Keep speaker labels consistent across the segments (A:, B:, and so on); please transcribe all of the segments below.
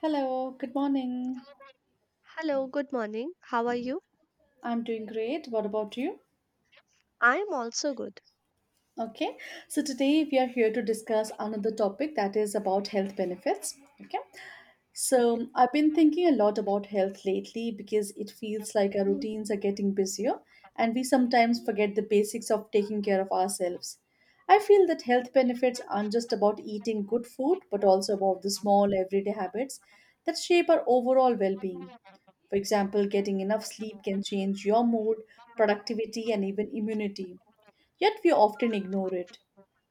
A: Hello, good morning.
B: Hello, good morning. How are you?
A: I'm doing great. What about you?
B: I am also good.
A: Okay, so today we are here to discuss another topic that is about health benefits. Okay,
B: Okay.
A: so, I've been thinking a lot about health lately because it feels like our
B: Mm.
A: routines are getting busier and we sometimes forget the basics of taking care of ourselves. I feel that health benefits aren't just about eating good food, but also about the small everyday habits that shape our overall well being. For example, getting enough sleep can change your mood, productivity, and even immunity. Yet we often ignore it.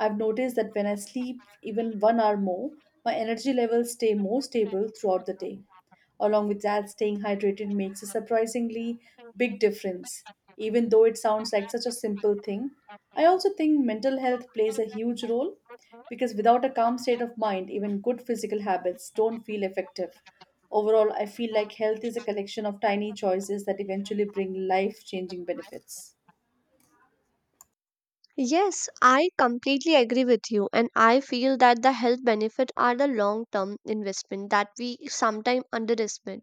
A: I've noticed that when I sleep even 1 hour more, my energy levels stay more stable throughout the day. Along with that, staying hydrated makes a surprisingly big difference. Even though it sounds like such a simple thing, I also think mental health plays a huge role because without a calm state of mind, even good physical habits don't feel effective. Overall, I feel like health is a collection of tiny choices that eventually bring life changing benefits.
B: Yes, I completely agree with you, and I feel that the health benefits are the long term investment that we sometimes underestimate.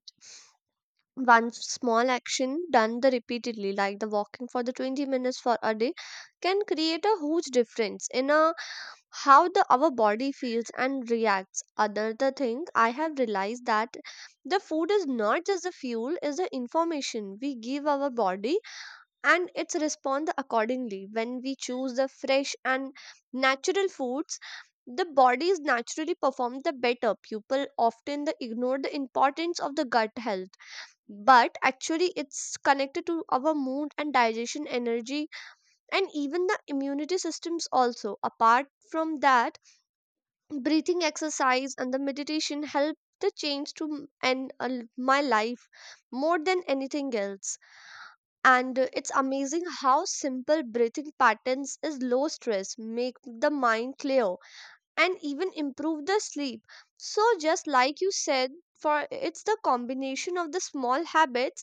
B: One small action done the repeatedly like the walking for the 20 minutes for a day can create a huge difference in a how the our body feels and reacts. Other the thing I have realized that the food is not just the fuel, is the information we give our body, and its response accordingly when we choose the fresh and natural foods, the bodies naturally perform the better. People often the ignore the importance of the gut health, but actually it's connected to our mood and digestion energy and even the immunity systems also. Apart from that, breathing exercise and the meditation help the change to my life more than anything else. And it's amazing how simple breathing patterns is low stress make the mind clear and even improve the sleep. So just like you said, for it's the combination of the small habits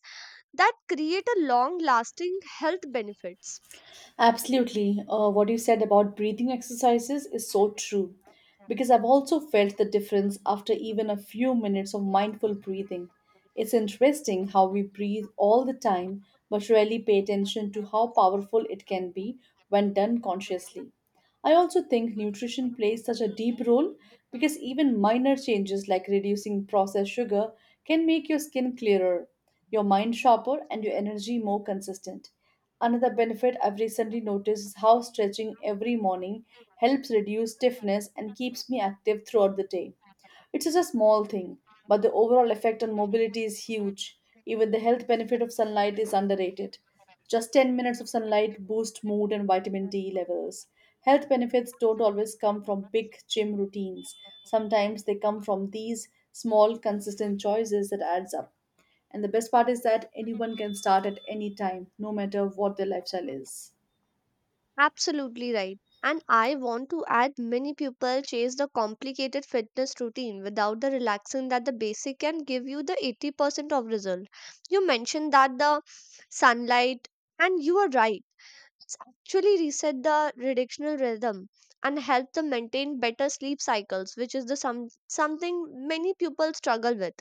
B: that create a long lasting health benefits.
A: Absolutely. What you said about breathing exercises is so true because I've also felt the difference after even a few minutes of mindful breathing. It's interesting how we breathe all the time but rarely pay attention to how powerful it can be when done consciously. I also think nutrition plays such a deep role because even minor changes like reducing processed sugar can make your skin clearer, your mind sharper, and your energy more consistent. Another benefit I've recently noticed is how stretching every morning helps reduce stiffness and keeps me active throughout the day. It's just a small thing, but the overall effect on mobility is huge. Even the health benefit of sunlight is underrated. Just 10 minutes of sunlight boost mood and vitamin D levels. Health benefits don't always come from big gym routines. Sometimes they come from these small consistent choices that adds up. And the best part is that anyone can start at any time, no matter what their lifestyle is.
B: Absolutely right. And I want to add, many people chase the complicated fitness routine without the relaxing, that the basic can give you the 80% of result. You mentioned that the sunlight, and you are right, it's actually reset the reductional rhythm and help them maintain better sleep cycles, which is the something many people struggle with.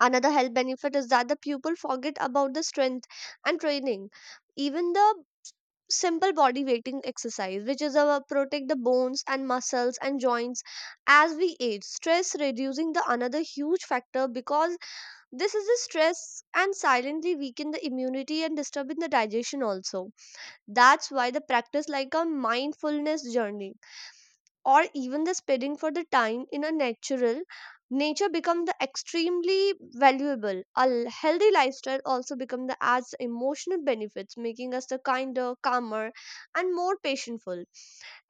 B: Another health benefit is that the pupil forget about the strength and training. Even the simple body weighting exercise, which is our protect the bones and muscles and joints as we age. Stress reducing the another huge factor, because this is the stress and silently weaken the immunity and disturbing the digestion also. That's why the practice like a mindfulness journey or even the spending for the time in a natural nature become the extremely valuable healthy lifestyle also become the adds emotional benefits making us the kinder calmer and more patientful.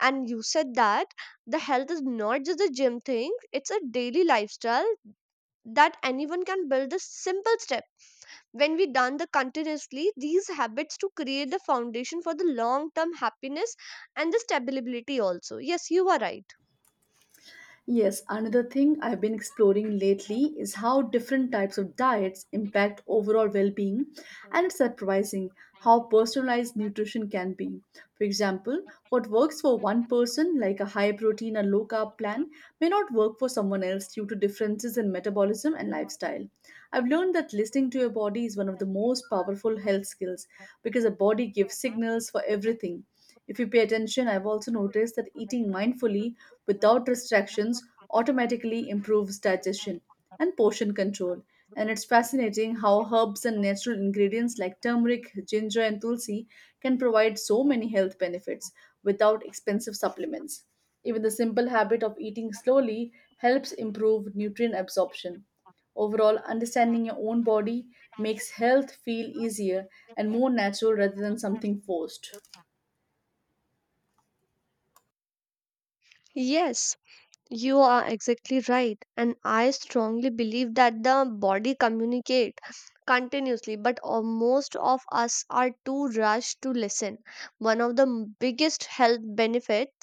B: And you said that the health is not just a gym thing, it's a daily lifestyle that anyone can build a simple step. When we done the continuously these habits to create the foundation for the long term happiness and the stability also. Yes, you are right.
A: Yes, another thing I've been exploring lately is how different types of diets impact overall well being, and it's surprising how personalized nutrition can be. For example, what works for one person, like a high protein or low carb plan, may not work for someone else due to differences in metabolism and lifestyle. I've learned that listening to your body is one of the most powerful health skills because the body gives signals for everything. If you pay attention, I've also noticed that eating mindfully without restrictions automatically improves digestion and portion control. And it's fascinating how herbs and natural ingredients like turmeric, ginger, and tulsi can provide so many health benefits without expensive supplements. Even the simple habit of eating slowly helps improve nutrient absorption. Overall, understanding your own body makes health feel easier and more natural rather than something forced.
B: Yes, you are exactly right. And I strongly believe that the body communicate continuously, but most of us are too rushed to listen. One of the biggest health benefits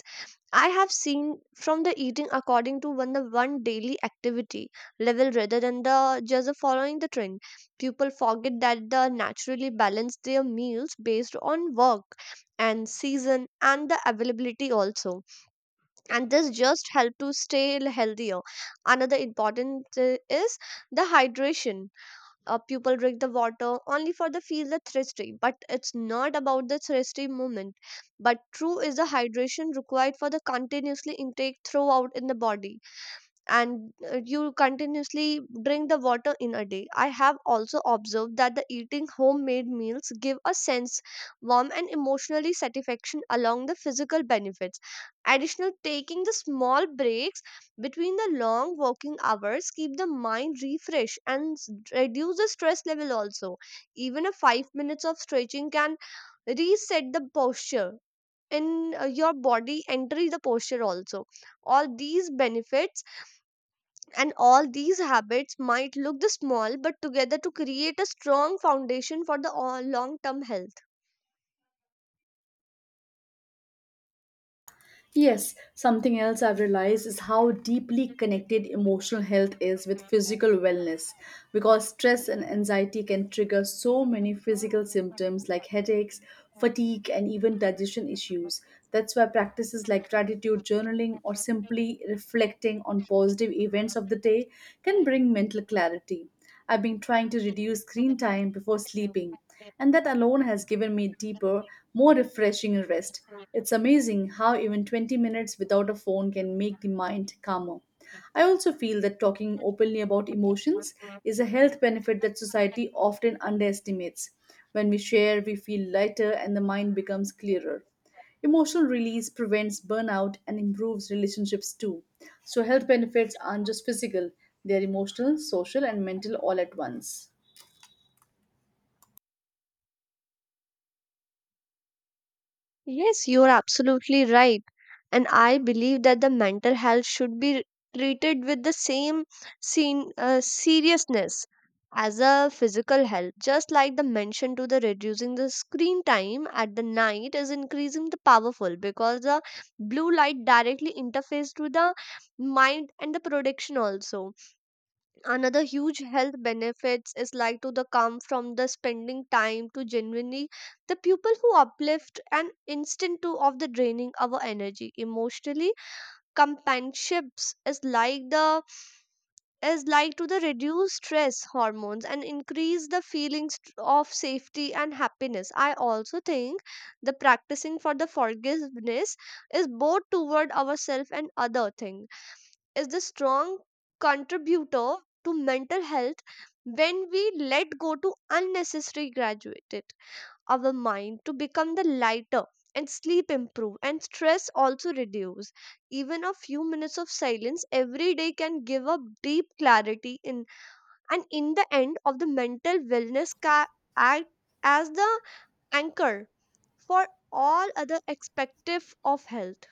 B: I have seen from the eating according to one daily activity level rather than the just the following the trend. People forget that the naturally balance their meals based on work and season and the availability also, and this just help to stay healthier. Another important is the hydration. People drink the water only for the feel the thirsty, but it's not about the thirsty moment, but true is the hydration required for the continuously intake throughout in the body. And you continuously drink the water in a day. I have also observed that the eating homemade meals give a sense warm and emotionally satisfaction along the physical benefits. Additional taking the small breaks between the long working hours keep the mind refreshed and reduce the stress level also. Even a 5 minutes of stretching can reset the posture in your body entering the posture also. All these benefits and all these habits might look the small, but together to create a strong foundation for the long term health.
A: Yes, something else I've realized is how deeply connected emotional health is with physical wellness because stress and anxiety can trigger so many physical symptoms like headaches, fatigue, and even digestion issues. That's why practices like gratitude journaling or simply reflecting on positive events of the day can bring mental clarity. I've been trying to reduce screen time before sleeping, and that alone has given me deeper, more refreshing rest. It's amazing how even 20 minutes without a phone can make the mind calmer. I also feel that talking openly about emotions is a health benefit that society often underestimates. When we share, we feel lighter and the mind becomes clearer. Emotional release prevents burnout and improves relationships too. So, health benefits aren't just physical, they are emotional, social, and mental all at once.
B: Yes, you're absolutely right. And I believe that the mental health should be treated with the same seriousness as a physical health, just like the mention to the reducing the screen time at the night is increasing the powerful, because the blue light directly interfaces to the mind and the production also. Another huge health benefits is like to the come from the spending time to genuinely the people who uplift and instant to of the draining our energy emotionally. Companionships is like to the reduce stress hormones and increase the feelings of safety and happiness. I also think the practicing for the forgiveness is both toward ourselves and other thing is the strong contributor to mental health. When we let go to unnecessary graduated, our mind to become the lighter and sleep improve and stress also reduce. Even a few minutes of silence every day can give up deep clarity in and in the end of the mental wellness act as the anchor for all other perspective of health.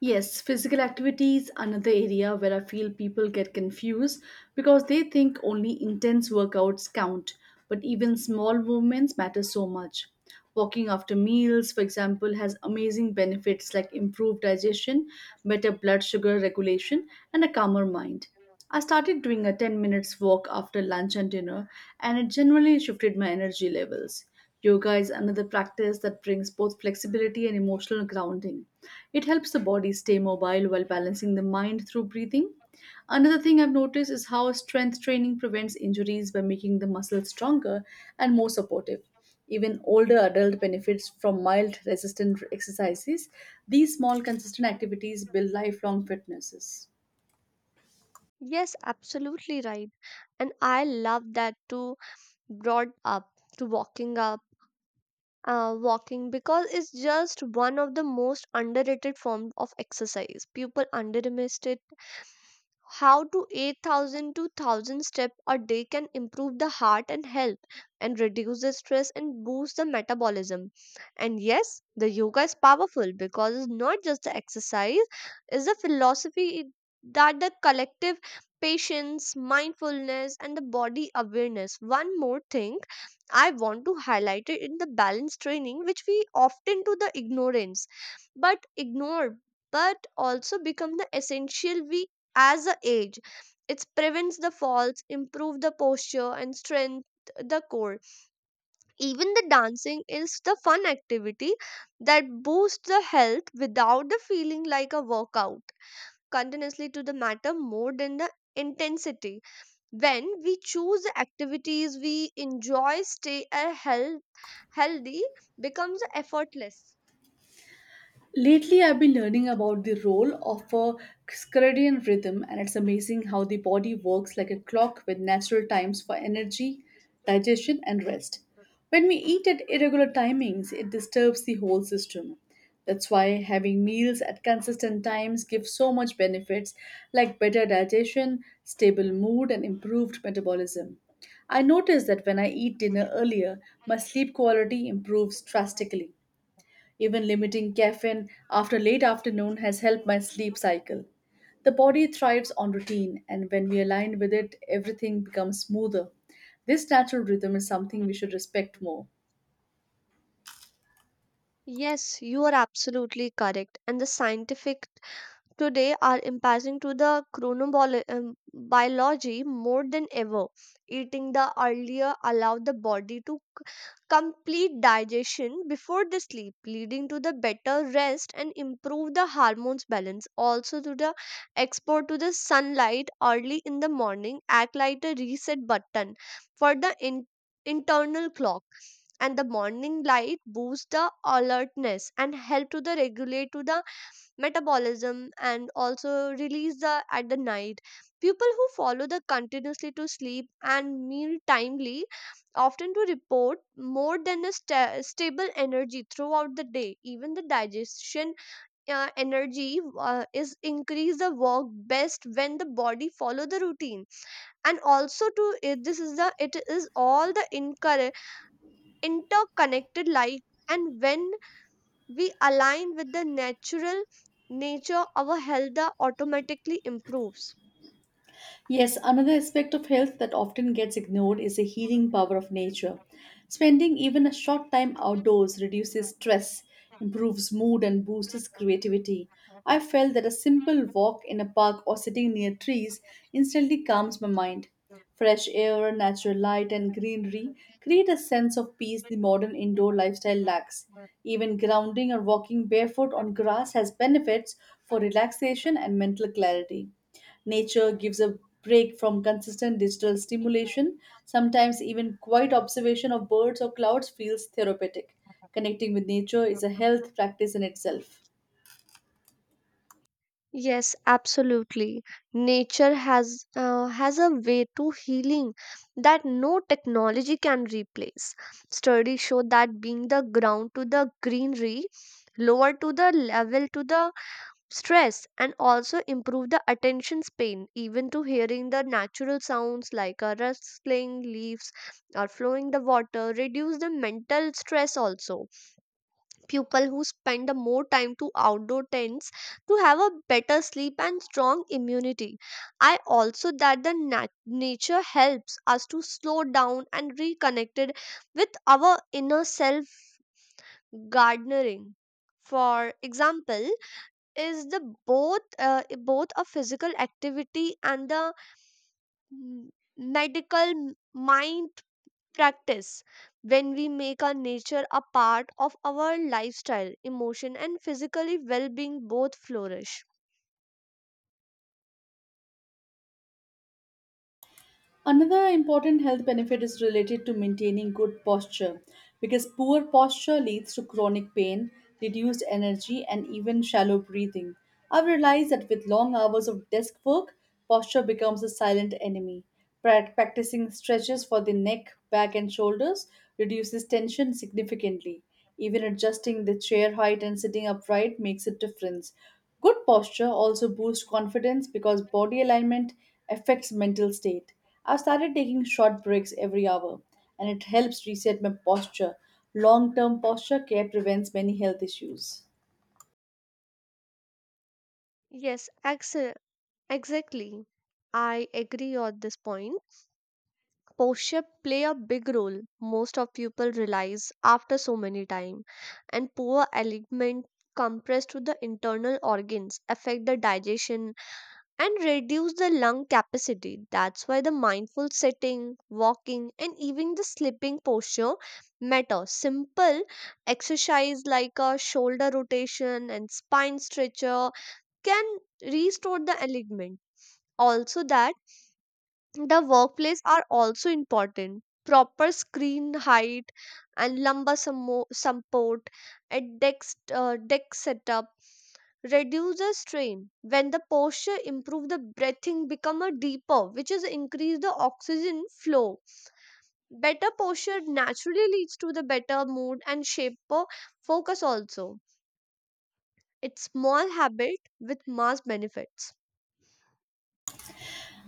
A: Yes, physical activity is another area where I feel people get confused because they think only intense workouts count, but even small movements matter so much. Walking after meals, for example, has amazing benefits like improved digestion, better blood sugar regulation, and a calmer mind. I started doing a 10 minutes walk after lunch and dinner, and it generally shifted my energy levels. Yoga is another practice that brings both flexibility and emotional grounding. It helps the body stay mobile while balancing the mind through breathing. Another thing I've noticed is how strength training prevents injuries by making the muscles stronger and more supportive. Even older adult benefits from mild resistant exercises. These small consistent activities build lifelong fitnesses.
B: Yes, absolutely right. And I love that too brought up to walking, because it's just one of the most underrated form of exercise, people underestimate it how to 8,000 to 1,000 step a day can improve the heart and health and reduce the stress and boost the metabolism. And yes, the yoga is powerful because it's not just the exercise, it's the philosophy that the collective patience mindfulness and the body awareness. One more thing I want to highlight it in the balance training, which we often do the ignorance but ignore but also become the essential we as a age. It prevents the falls, improve the posture and strength the core. Even the dancing is the fun activity that boosts the health without the feeling like a workout. Continuously to the matter more than the intensity. When we choose the activities we enjoy, stay a healthy becomes effortless.
A: Lately, I've been learning about the role of a circadian rhythm, and it's amazing how the body works like a clock with natural times for energy, digestion, and rest. When we eat at irregular timings, it disturbs the whole system. That's why having meals at consistent times gives so much benefits like better digestion, stable mood, and improved metabolism. I notice that when I eat dinner earlier, my sleep quality improves drastically. Even limiting caffeine after late afternoon has helped my sleep cycle. The body thrives on routine, and when we align with it, everything becomes smoother. This natural rhythm is something we should respect more.
B: Yes, you are absolutely correct. And the scientific today are impacting to the chronobiology more than ever. Eating the earlier allow the body to complete digestion before the sleep, leading to the better rest and improve the hormones balance. Also, to the exposure to the sunlight early in the morning act like a reset button for the internal clock, and the morning light boosts the alertness and help to the regulate to the metabolism and also release the at the night. People who follow the continuously to sleep and meal timely often to report more than a stable energy throughout the day. Even the digestion energy is increase the work best when the body follow the routine. And also to it, this is the it is all the incur interconnected life. And when we align with the natural nature, our health automatically improves.
A: Yes, another aspect of health that often gets ignored is the healing power of nature. Spending even a short time outdoors reduces stress, improves mood, and boosts creativity. I felt that a simple walk in a park or sitting near trees instantly calms my mind. Fresh air, natural light, and greenery create a sense of peace the modern indoor lifestyle lacks. Even grounding or walking barefoot on grass has benefits for relaxation and mental clarity. Nature gives a break from consistent digital stimulation. Sometimes, even quiet observation of birds or clouds feels therapeutic. Connecting with nature is a health practice in itself.
B: Yes, absolutely. Nature has a way to healing that no technology can replace. Studies show that being the ground to the greenery lower to the level to the stress and also improve the attention span, even to hearing the natural sounds like a rustling leaves or flowing the water reduce the mental stress also. People who spend the more time to outdoor tents to have a better sleep and strong immunity. I also that the nature helps us to slow down and reconnected with our inner self. Gardening, for example, is the both a physical activity and the m- mind practice. When we make our nature a part of our lifestyle, emotion and physically well-being both flourish.
A: Another important health benefit is related to maintaining good posture because poor posture leads to chronic pain, reduced energy, and even shallow breathing. I've realized that with long hours of desk work, posture becomes a silent enemy. Practicing stretches for the neck, back, and shoulders reduces tension significantly. Even adjusting the chair height and sitting upright makes a difference. Good posture also boosts confidence because body alignment affects mental state. I've started taking short breaks every hour, and it helps reset my posture. Long term posture care prevents many health issues.
B: Yes, exactly. I agree on this point. Posture play a big role, most of people realize after so many time, and poor alignment compressed to the internal organs, affect the digestion and reduce the lung capacity. That's why the mindful sitting, walking, and even the sleeping posture matter. Simple exercise like a shoulder rotation and spine stretcher can restore the alignment. Also, that the workplace are also important. Proper screen height and lumbar support at desk setup reduce the strain. When the posture improve, the breathing become a deeper, which is increase the oxygen flow. Better posture naturally leads to the better mood and shape for focus also. It's small habit with mass benefits.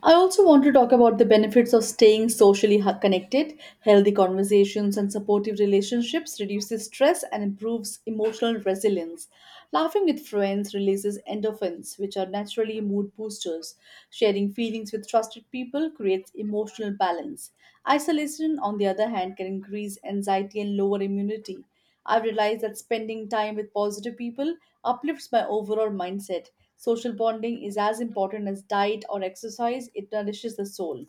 A: I also want to talk about the benefits of staying socially connected. Healthy conversations and supportive relationships reduces stress and improves emotional resilience. Laughing with friends releases endorphins, which are naturally mood boosters. Sharing feelings with trusted people creates emotional balance. Isolation, on the other hand, can increase anxiety and lower immunity. I've realized that spending time with positive people uplifts my overall mindset. Social bonding is as important as diet or exercise, it nourishes the soul.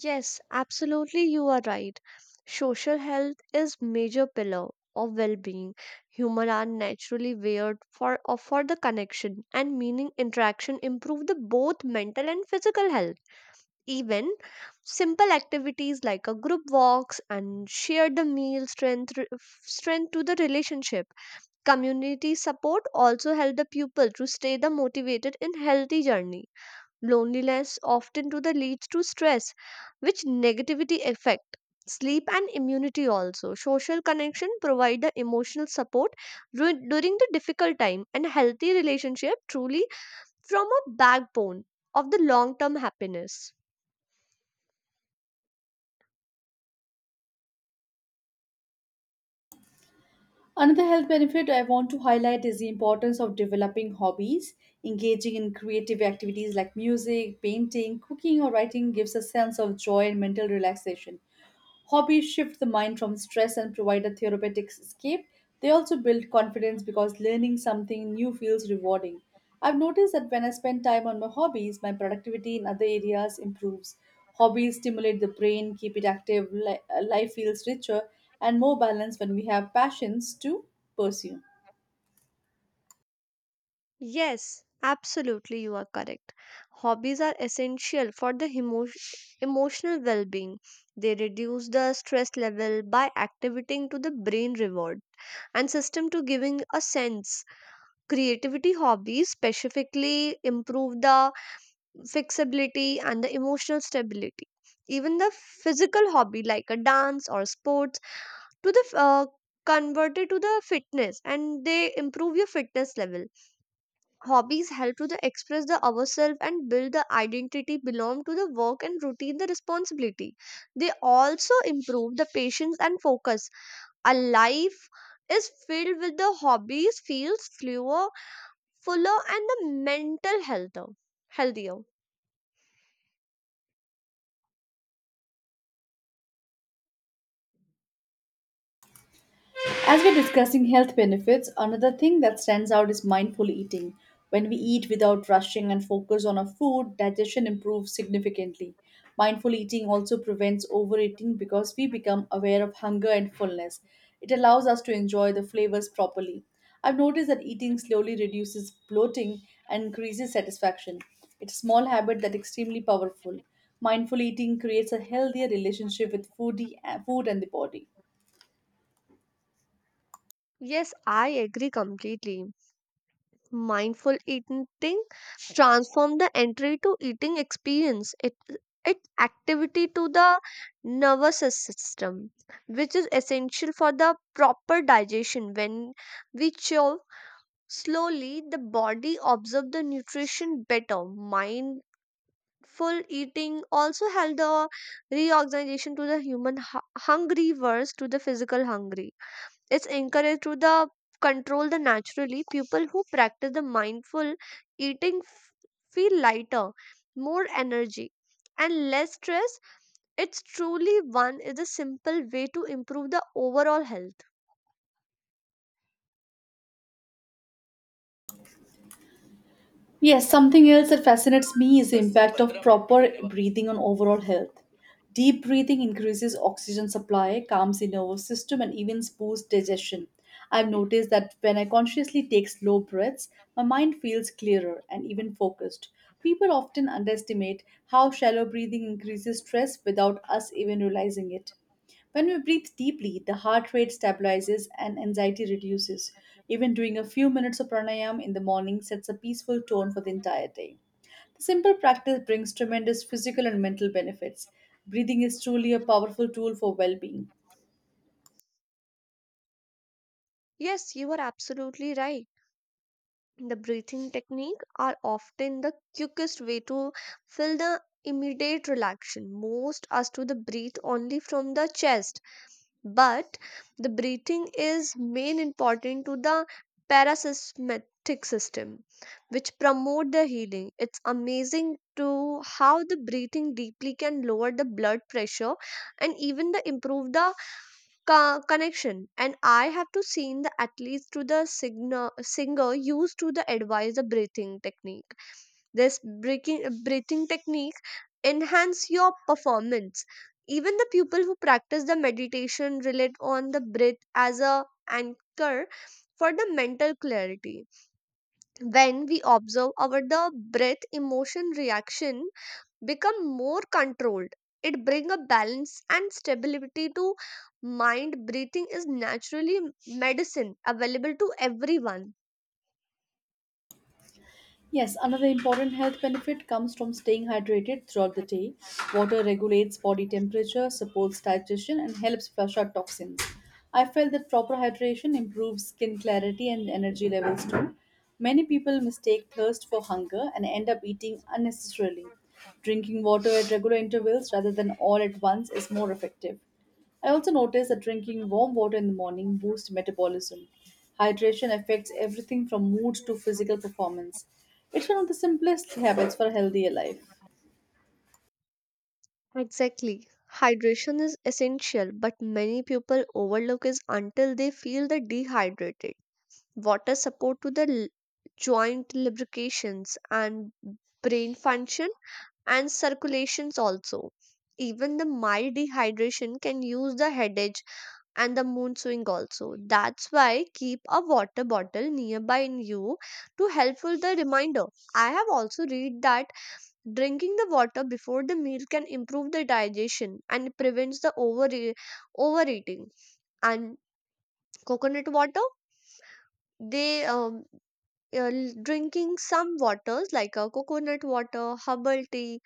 B: Yes, absolutely you are right. Social health is major pillar of well-being. Human are naturally wired for the connection and meaning interaction improve the both mental and physical health. Even simple activities like a group walks and share the meal strength to the relationship. Community support also help the pupil to stay the motivated in healthy journey. Loneliness often to the leads to stress, which negativity affect sleep and immunity also. Social connection provide the emotional support during the difficult time, and healthy relationship truly from a backbone of the long term happiness.
A: Another health benefit I want to highlight is the importance of developing hobbies. Engaging in creative activities like music, painting, cooking, or writing gives a sense of joy and mental relaxation. Hobbies shift the mind from stress and provide a therapeutic escape. They also build confidence because learning something new feels rewarding. I've noticed that when I spend time on my hobbies, my productivity in other areas improves. Hobbies stimulate the brain, keep it active, life feels richer and more balanced when we have passions to pursue.
B: Yes, absolutely you are correct. Hobbies are essential for the emotional well being. They reduce the stress level by activating to the brain reward and system to giving a sense. Creativity hobbies specifically improve the flexibility and the emotional stability. Even the physical hobby like a dance or sports to the f- uh, converted to the fitness, and they improve your fitness level. Hobbies help to the express the ourselves and build the identity belong to the work and routine the responsibility. They also improve the patience and focus. A life is filled with the hobbies feels fewer fuller and the mental healthier.
A: As we're discussing health benefits, another thing that stands out is mindful eating. When we eat without rushing and focus on our food, digestion improves significantly. Mindful eating also prevents overeating because we become aware of hunger and fullness. It allows us to enjoy the flavors properly. I've noticed that eating slowly reduces bloating and increases satisfaction. It's a small habit that's extremely powerful. Mindful eating creates a healthier relationship with food and the body.
B: Yes, I agree completely. Mindful eating transform the entry to eating experience. It activity to the nervous system, which is essential for the proper digestion. When we chew slowly, the body absorb the nutrition better. Mind full eating also help the reorganization to the human hungry versus to the physical hungry. It's encouraged to the control the naturally. People who practice the mindful eating feel lighter, more energy, and less stress. It's truly one is a simple way to improve the overall health.
A: Yes, something else that fascinates me is the impact of proper breathing on overall health. Deep breathing increases oxygen supply, calms the nervous system, and even boosts digestion. I've noticed that when I consciously take slow breaths, my mind feels clearer and even focused. People often underestimate how shallow breathing increases stress without us even realizing it. When we breathe deeply, the heart rate stabilizes and anxiety reduces. Even doing a few minutes of pranayam in the morning sets a peaceful tone for the entire day. The simple practice brings tremendous physical and mental benefits. Breathing is truly a powerful tool for well being.
B: Yes, you are absolutely right. The breathing technique are often the quickest way to feel the immediate relaxation. Most as to the breathe only from the chest, but the breathing is main important to the parasympathetic system, which promote the healing. It's amazing to how the breathing deeply can lower the blood pressure and even the improve the connection. And I have to seen the athletes to the singer used to the advise the breathing technique. This breathing technique enhance your performance. Even the people who practice the meditation relate on the breath as a anchor for the mental clarity. When we observe our the breath, emotion reaction become more controlled. It brings a balance and stability to mind. Breathing is naturally medicine available to everyone.
A: Yes, another important health benefit comes from staying hydrated throughout the day. Water regulates body temperature, supports digestion, and helps flush out toxins. I felt that proper hydration improves skin clarity and energy levels too. Many people mistake thirst for hunger and end up eating unnecessarily. Drinking water at regular intervals rather than all at once is more effective. I also noticed that drinking warm water in the morning boosts metabolism. Hydration affects everything from mood to physical performance. It's one of the simplest habits for a healthier life.
B: Exactly. Hydration is essential, but many people overlook it until they feel the dehydrated. Water support to the joint lubrications and brain function and circulations also. Even the mild dehydration can use the headache and the moon swing also. That's why keep a water bottle nearby in you to helpful the reminder. I have also read that drinking the water before the meal can improve the digestion and prevents the overeating. And coconut water, they uh, drinking some waters like a coconut water, herbal tea,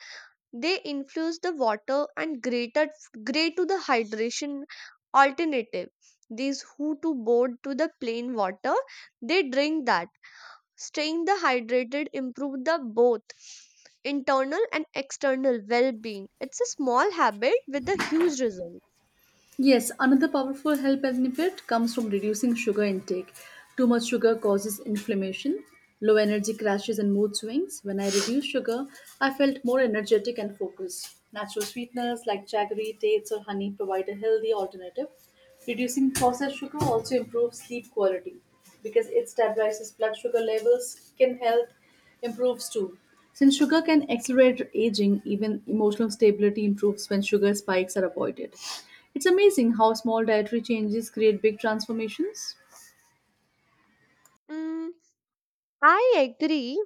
B: they influence the water and greater gray to the hydration alternative. These who to board to the plain water, they drink that. Staying the hydrated improve the both internal and external well-being. It's a small habit with a huge result.
A: Yes, another powerful health benefit comes from reducing sugar intake. Too much sugar causes inflammation, low energy crashes, and mood swings. When I reduced sugar, I felt more energetic and focused. Natural sweeteners like jaggery, dates, or honey provide a healthy alternative. Reducing processed sugar also improves sleep quality because it stabilizes blood sugar levels, skin health, improves too. Since sugar can accelerate aging, even emotional stability improves when sugar spikes are avoided. It's amazing how small dietary changes create big transformations.
B: Mm, I agree.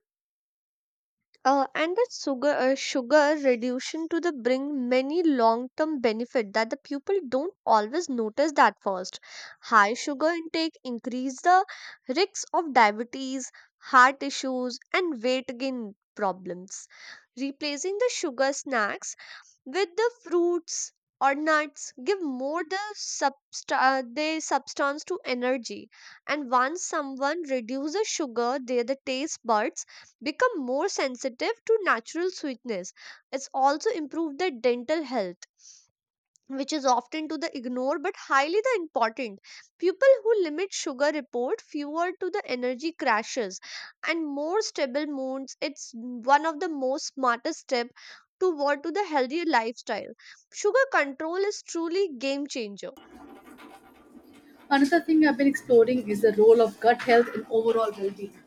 B: And that sugar, sugar reduction to the bring many long-term benefit that the people don't always notice that first. High sugar intake increase the risks of diabetes, heart issues, and weight gain problems. Replacing the sugar snacks with the fruits or nuts give more the they substance to energy. And once someone reduces sugar, their the taste buds become more sensitive to natural sweetness. It's also improved the dental health, which is often to the ignore but highly the important. People who limit sugar report fewer to the energy crashes and more stable moods. It's one of the most smartest step toward to the healthier lifestyle. Sugar control is truly game changer.
A: Another thing I've been exploring is the role of gut health in overall well being.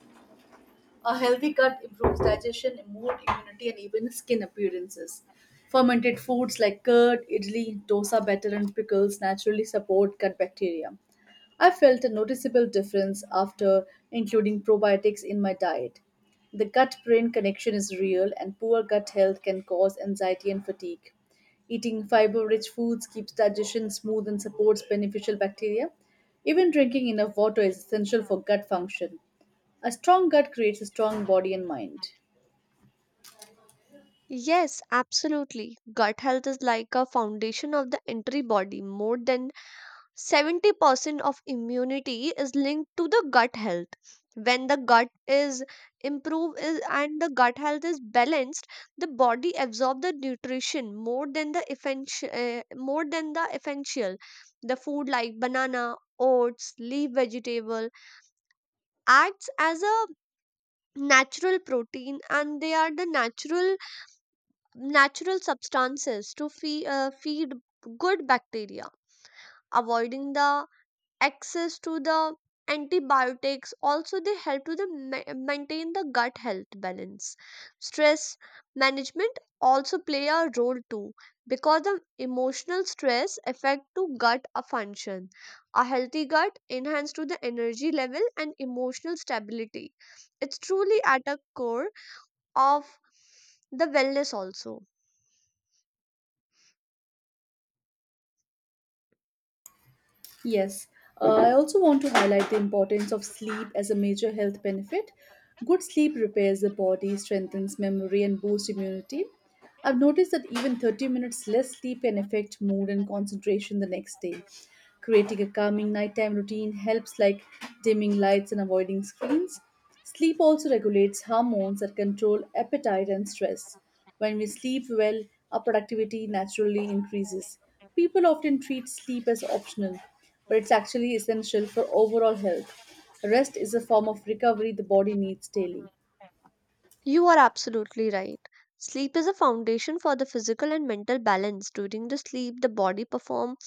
A: A healthy gut improves digestion, mood, immunity, and even skin appearances. Fermented foods like curd, idli, dosa batter, and pickles naturally support gut bacteria. I felt a noticeable difference after including probiotics in my diet. The gut brain connection is real, and poor gut health can cause anxiety and fatigue. Eating fiber rich foods keeps digestion smooth and supports beneficial bacteria. Even drinking enough water is essential for gut function. A strong gut creates a strong body and mind.
B: Yes, absolutely. Gut health is like a foundation of the entire body. More than 70% of immunity is linked to the gut health. When the gut is improved is, and the gut health is balanced, the body absorbs the nutrition more than the essential, more than the essential. The food like banana, oats, leaf vegetable acts as a natural protein, and they are the natural substances to feed, feed good bacteria. Avoiding the access to the antibiotics also, they help to the maintain the gut health balance. Stress management also play a role too, because the emotional stress affect to gut a function. A healthy gut enhance to the energy level and emotional stability. It's truly at a core of the wellness also.
A: Yes, I also want to highlight the importance of sleep as a major health benefit. Good sleep repairs the body, strengthens memory, and boosts immunity. I've noticed that even 30 minutes less sleep can affect mood and concentration the next day. Creating a calming nighttime routine helps, like dimming lights and avoiding screens. Sleep also regulates hormones that control appetite and stress. When we sleep well, our productivity naturally increases. People often treat sleep as optional, but it's actually essential for overall health. Rest is a form of recovery the body needs daily.
B: You are absolutely right. Sleep is a foundation for the physical and mental balance. During the sleep, the body performs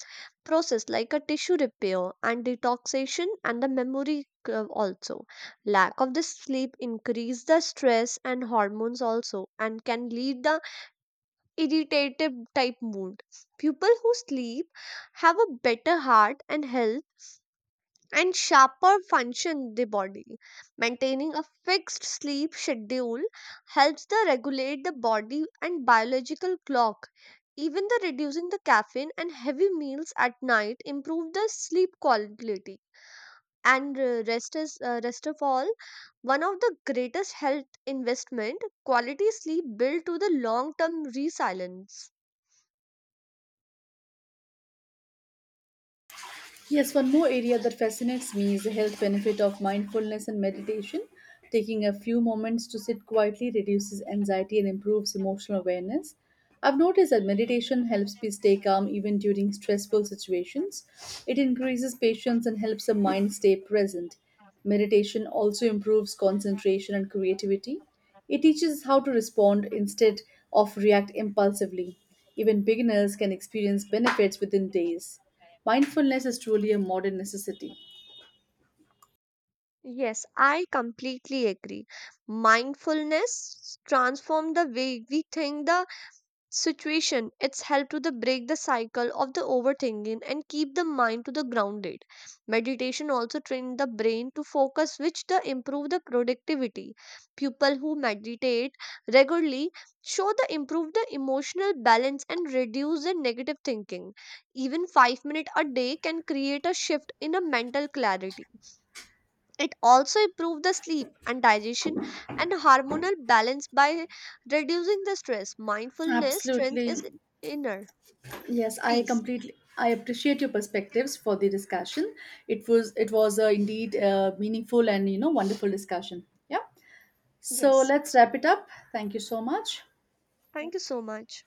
B: process like a tissue repair and detoxification, and the memory curve also. Lack of the sleep increase the stress and hormones also, and can lead the irritative type mood. People who sleep have a better heart and health and sharper function. The body maintaining a fixed sleep schedule helps the regulate the body and biological clock. Even the reducing the caffeine and heavy meals at night improve the sleep quality. And Rest is rest of all one of the greatest health investment. Quality sleep built to the long term resilience.
A: Yes, one more area that fascinates me is the health benefit of mindfulness and meditation. Taking a few moments to sit quietly reduces anxiety and improves emotional awareness. I've noticed that meditation helps me stay calm even during stressful situations. It increases patience and helps the mind stay present. Meditation also improves concentration and creativity. It teaches how to respond instead of react impulsively. Even beginners can experience benefits within days. Mindfulness is truly a modern necessity.
B: Yes, I completely agree. Mindfulness transform the way we think the situation. It's help to the break the cycle of the overthinking and keep the mind to the grounded. Meditation also train the brain to focus, which the improve the productivity. People who meditate regularly show the improve the emotional balance and reduce the negative thinking. Even 5 minute a day can create a shift in a mental clarity. It also improves the sleep and digestion and hormonal balance by reducing the stress. Mindfulness strength
A: Absolutely.
B: is inner
A: Yes,
B: peace.
A: I appreciate your perspectives for the discussion. It was indeed a meaningful and wonderful discussion. Yeah. So
B: Yes.
A: let's wrap it up. Thank you so much.
B: Thank you so much.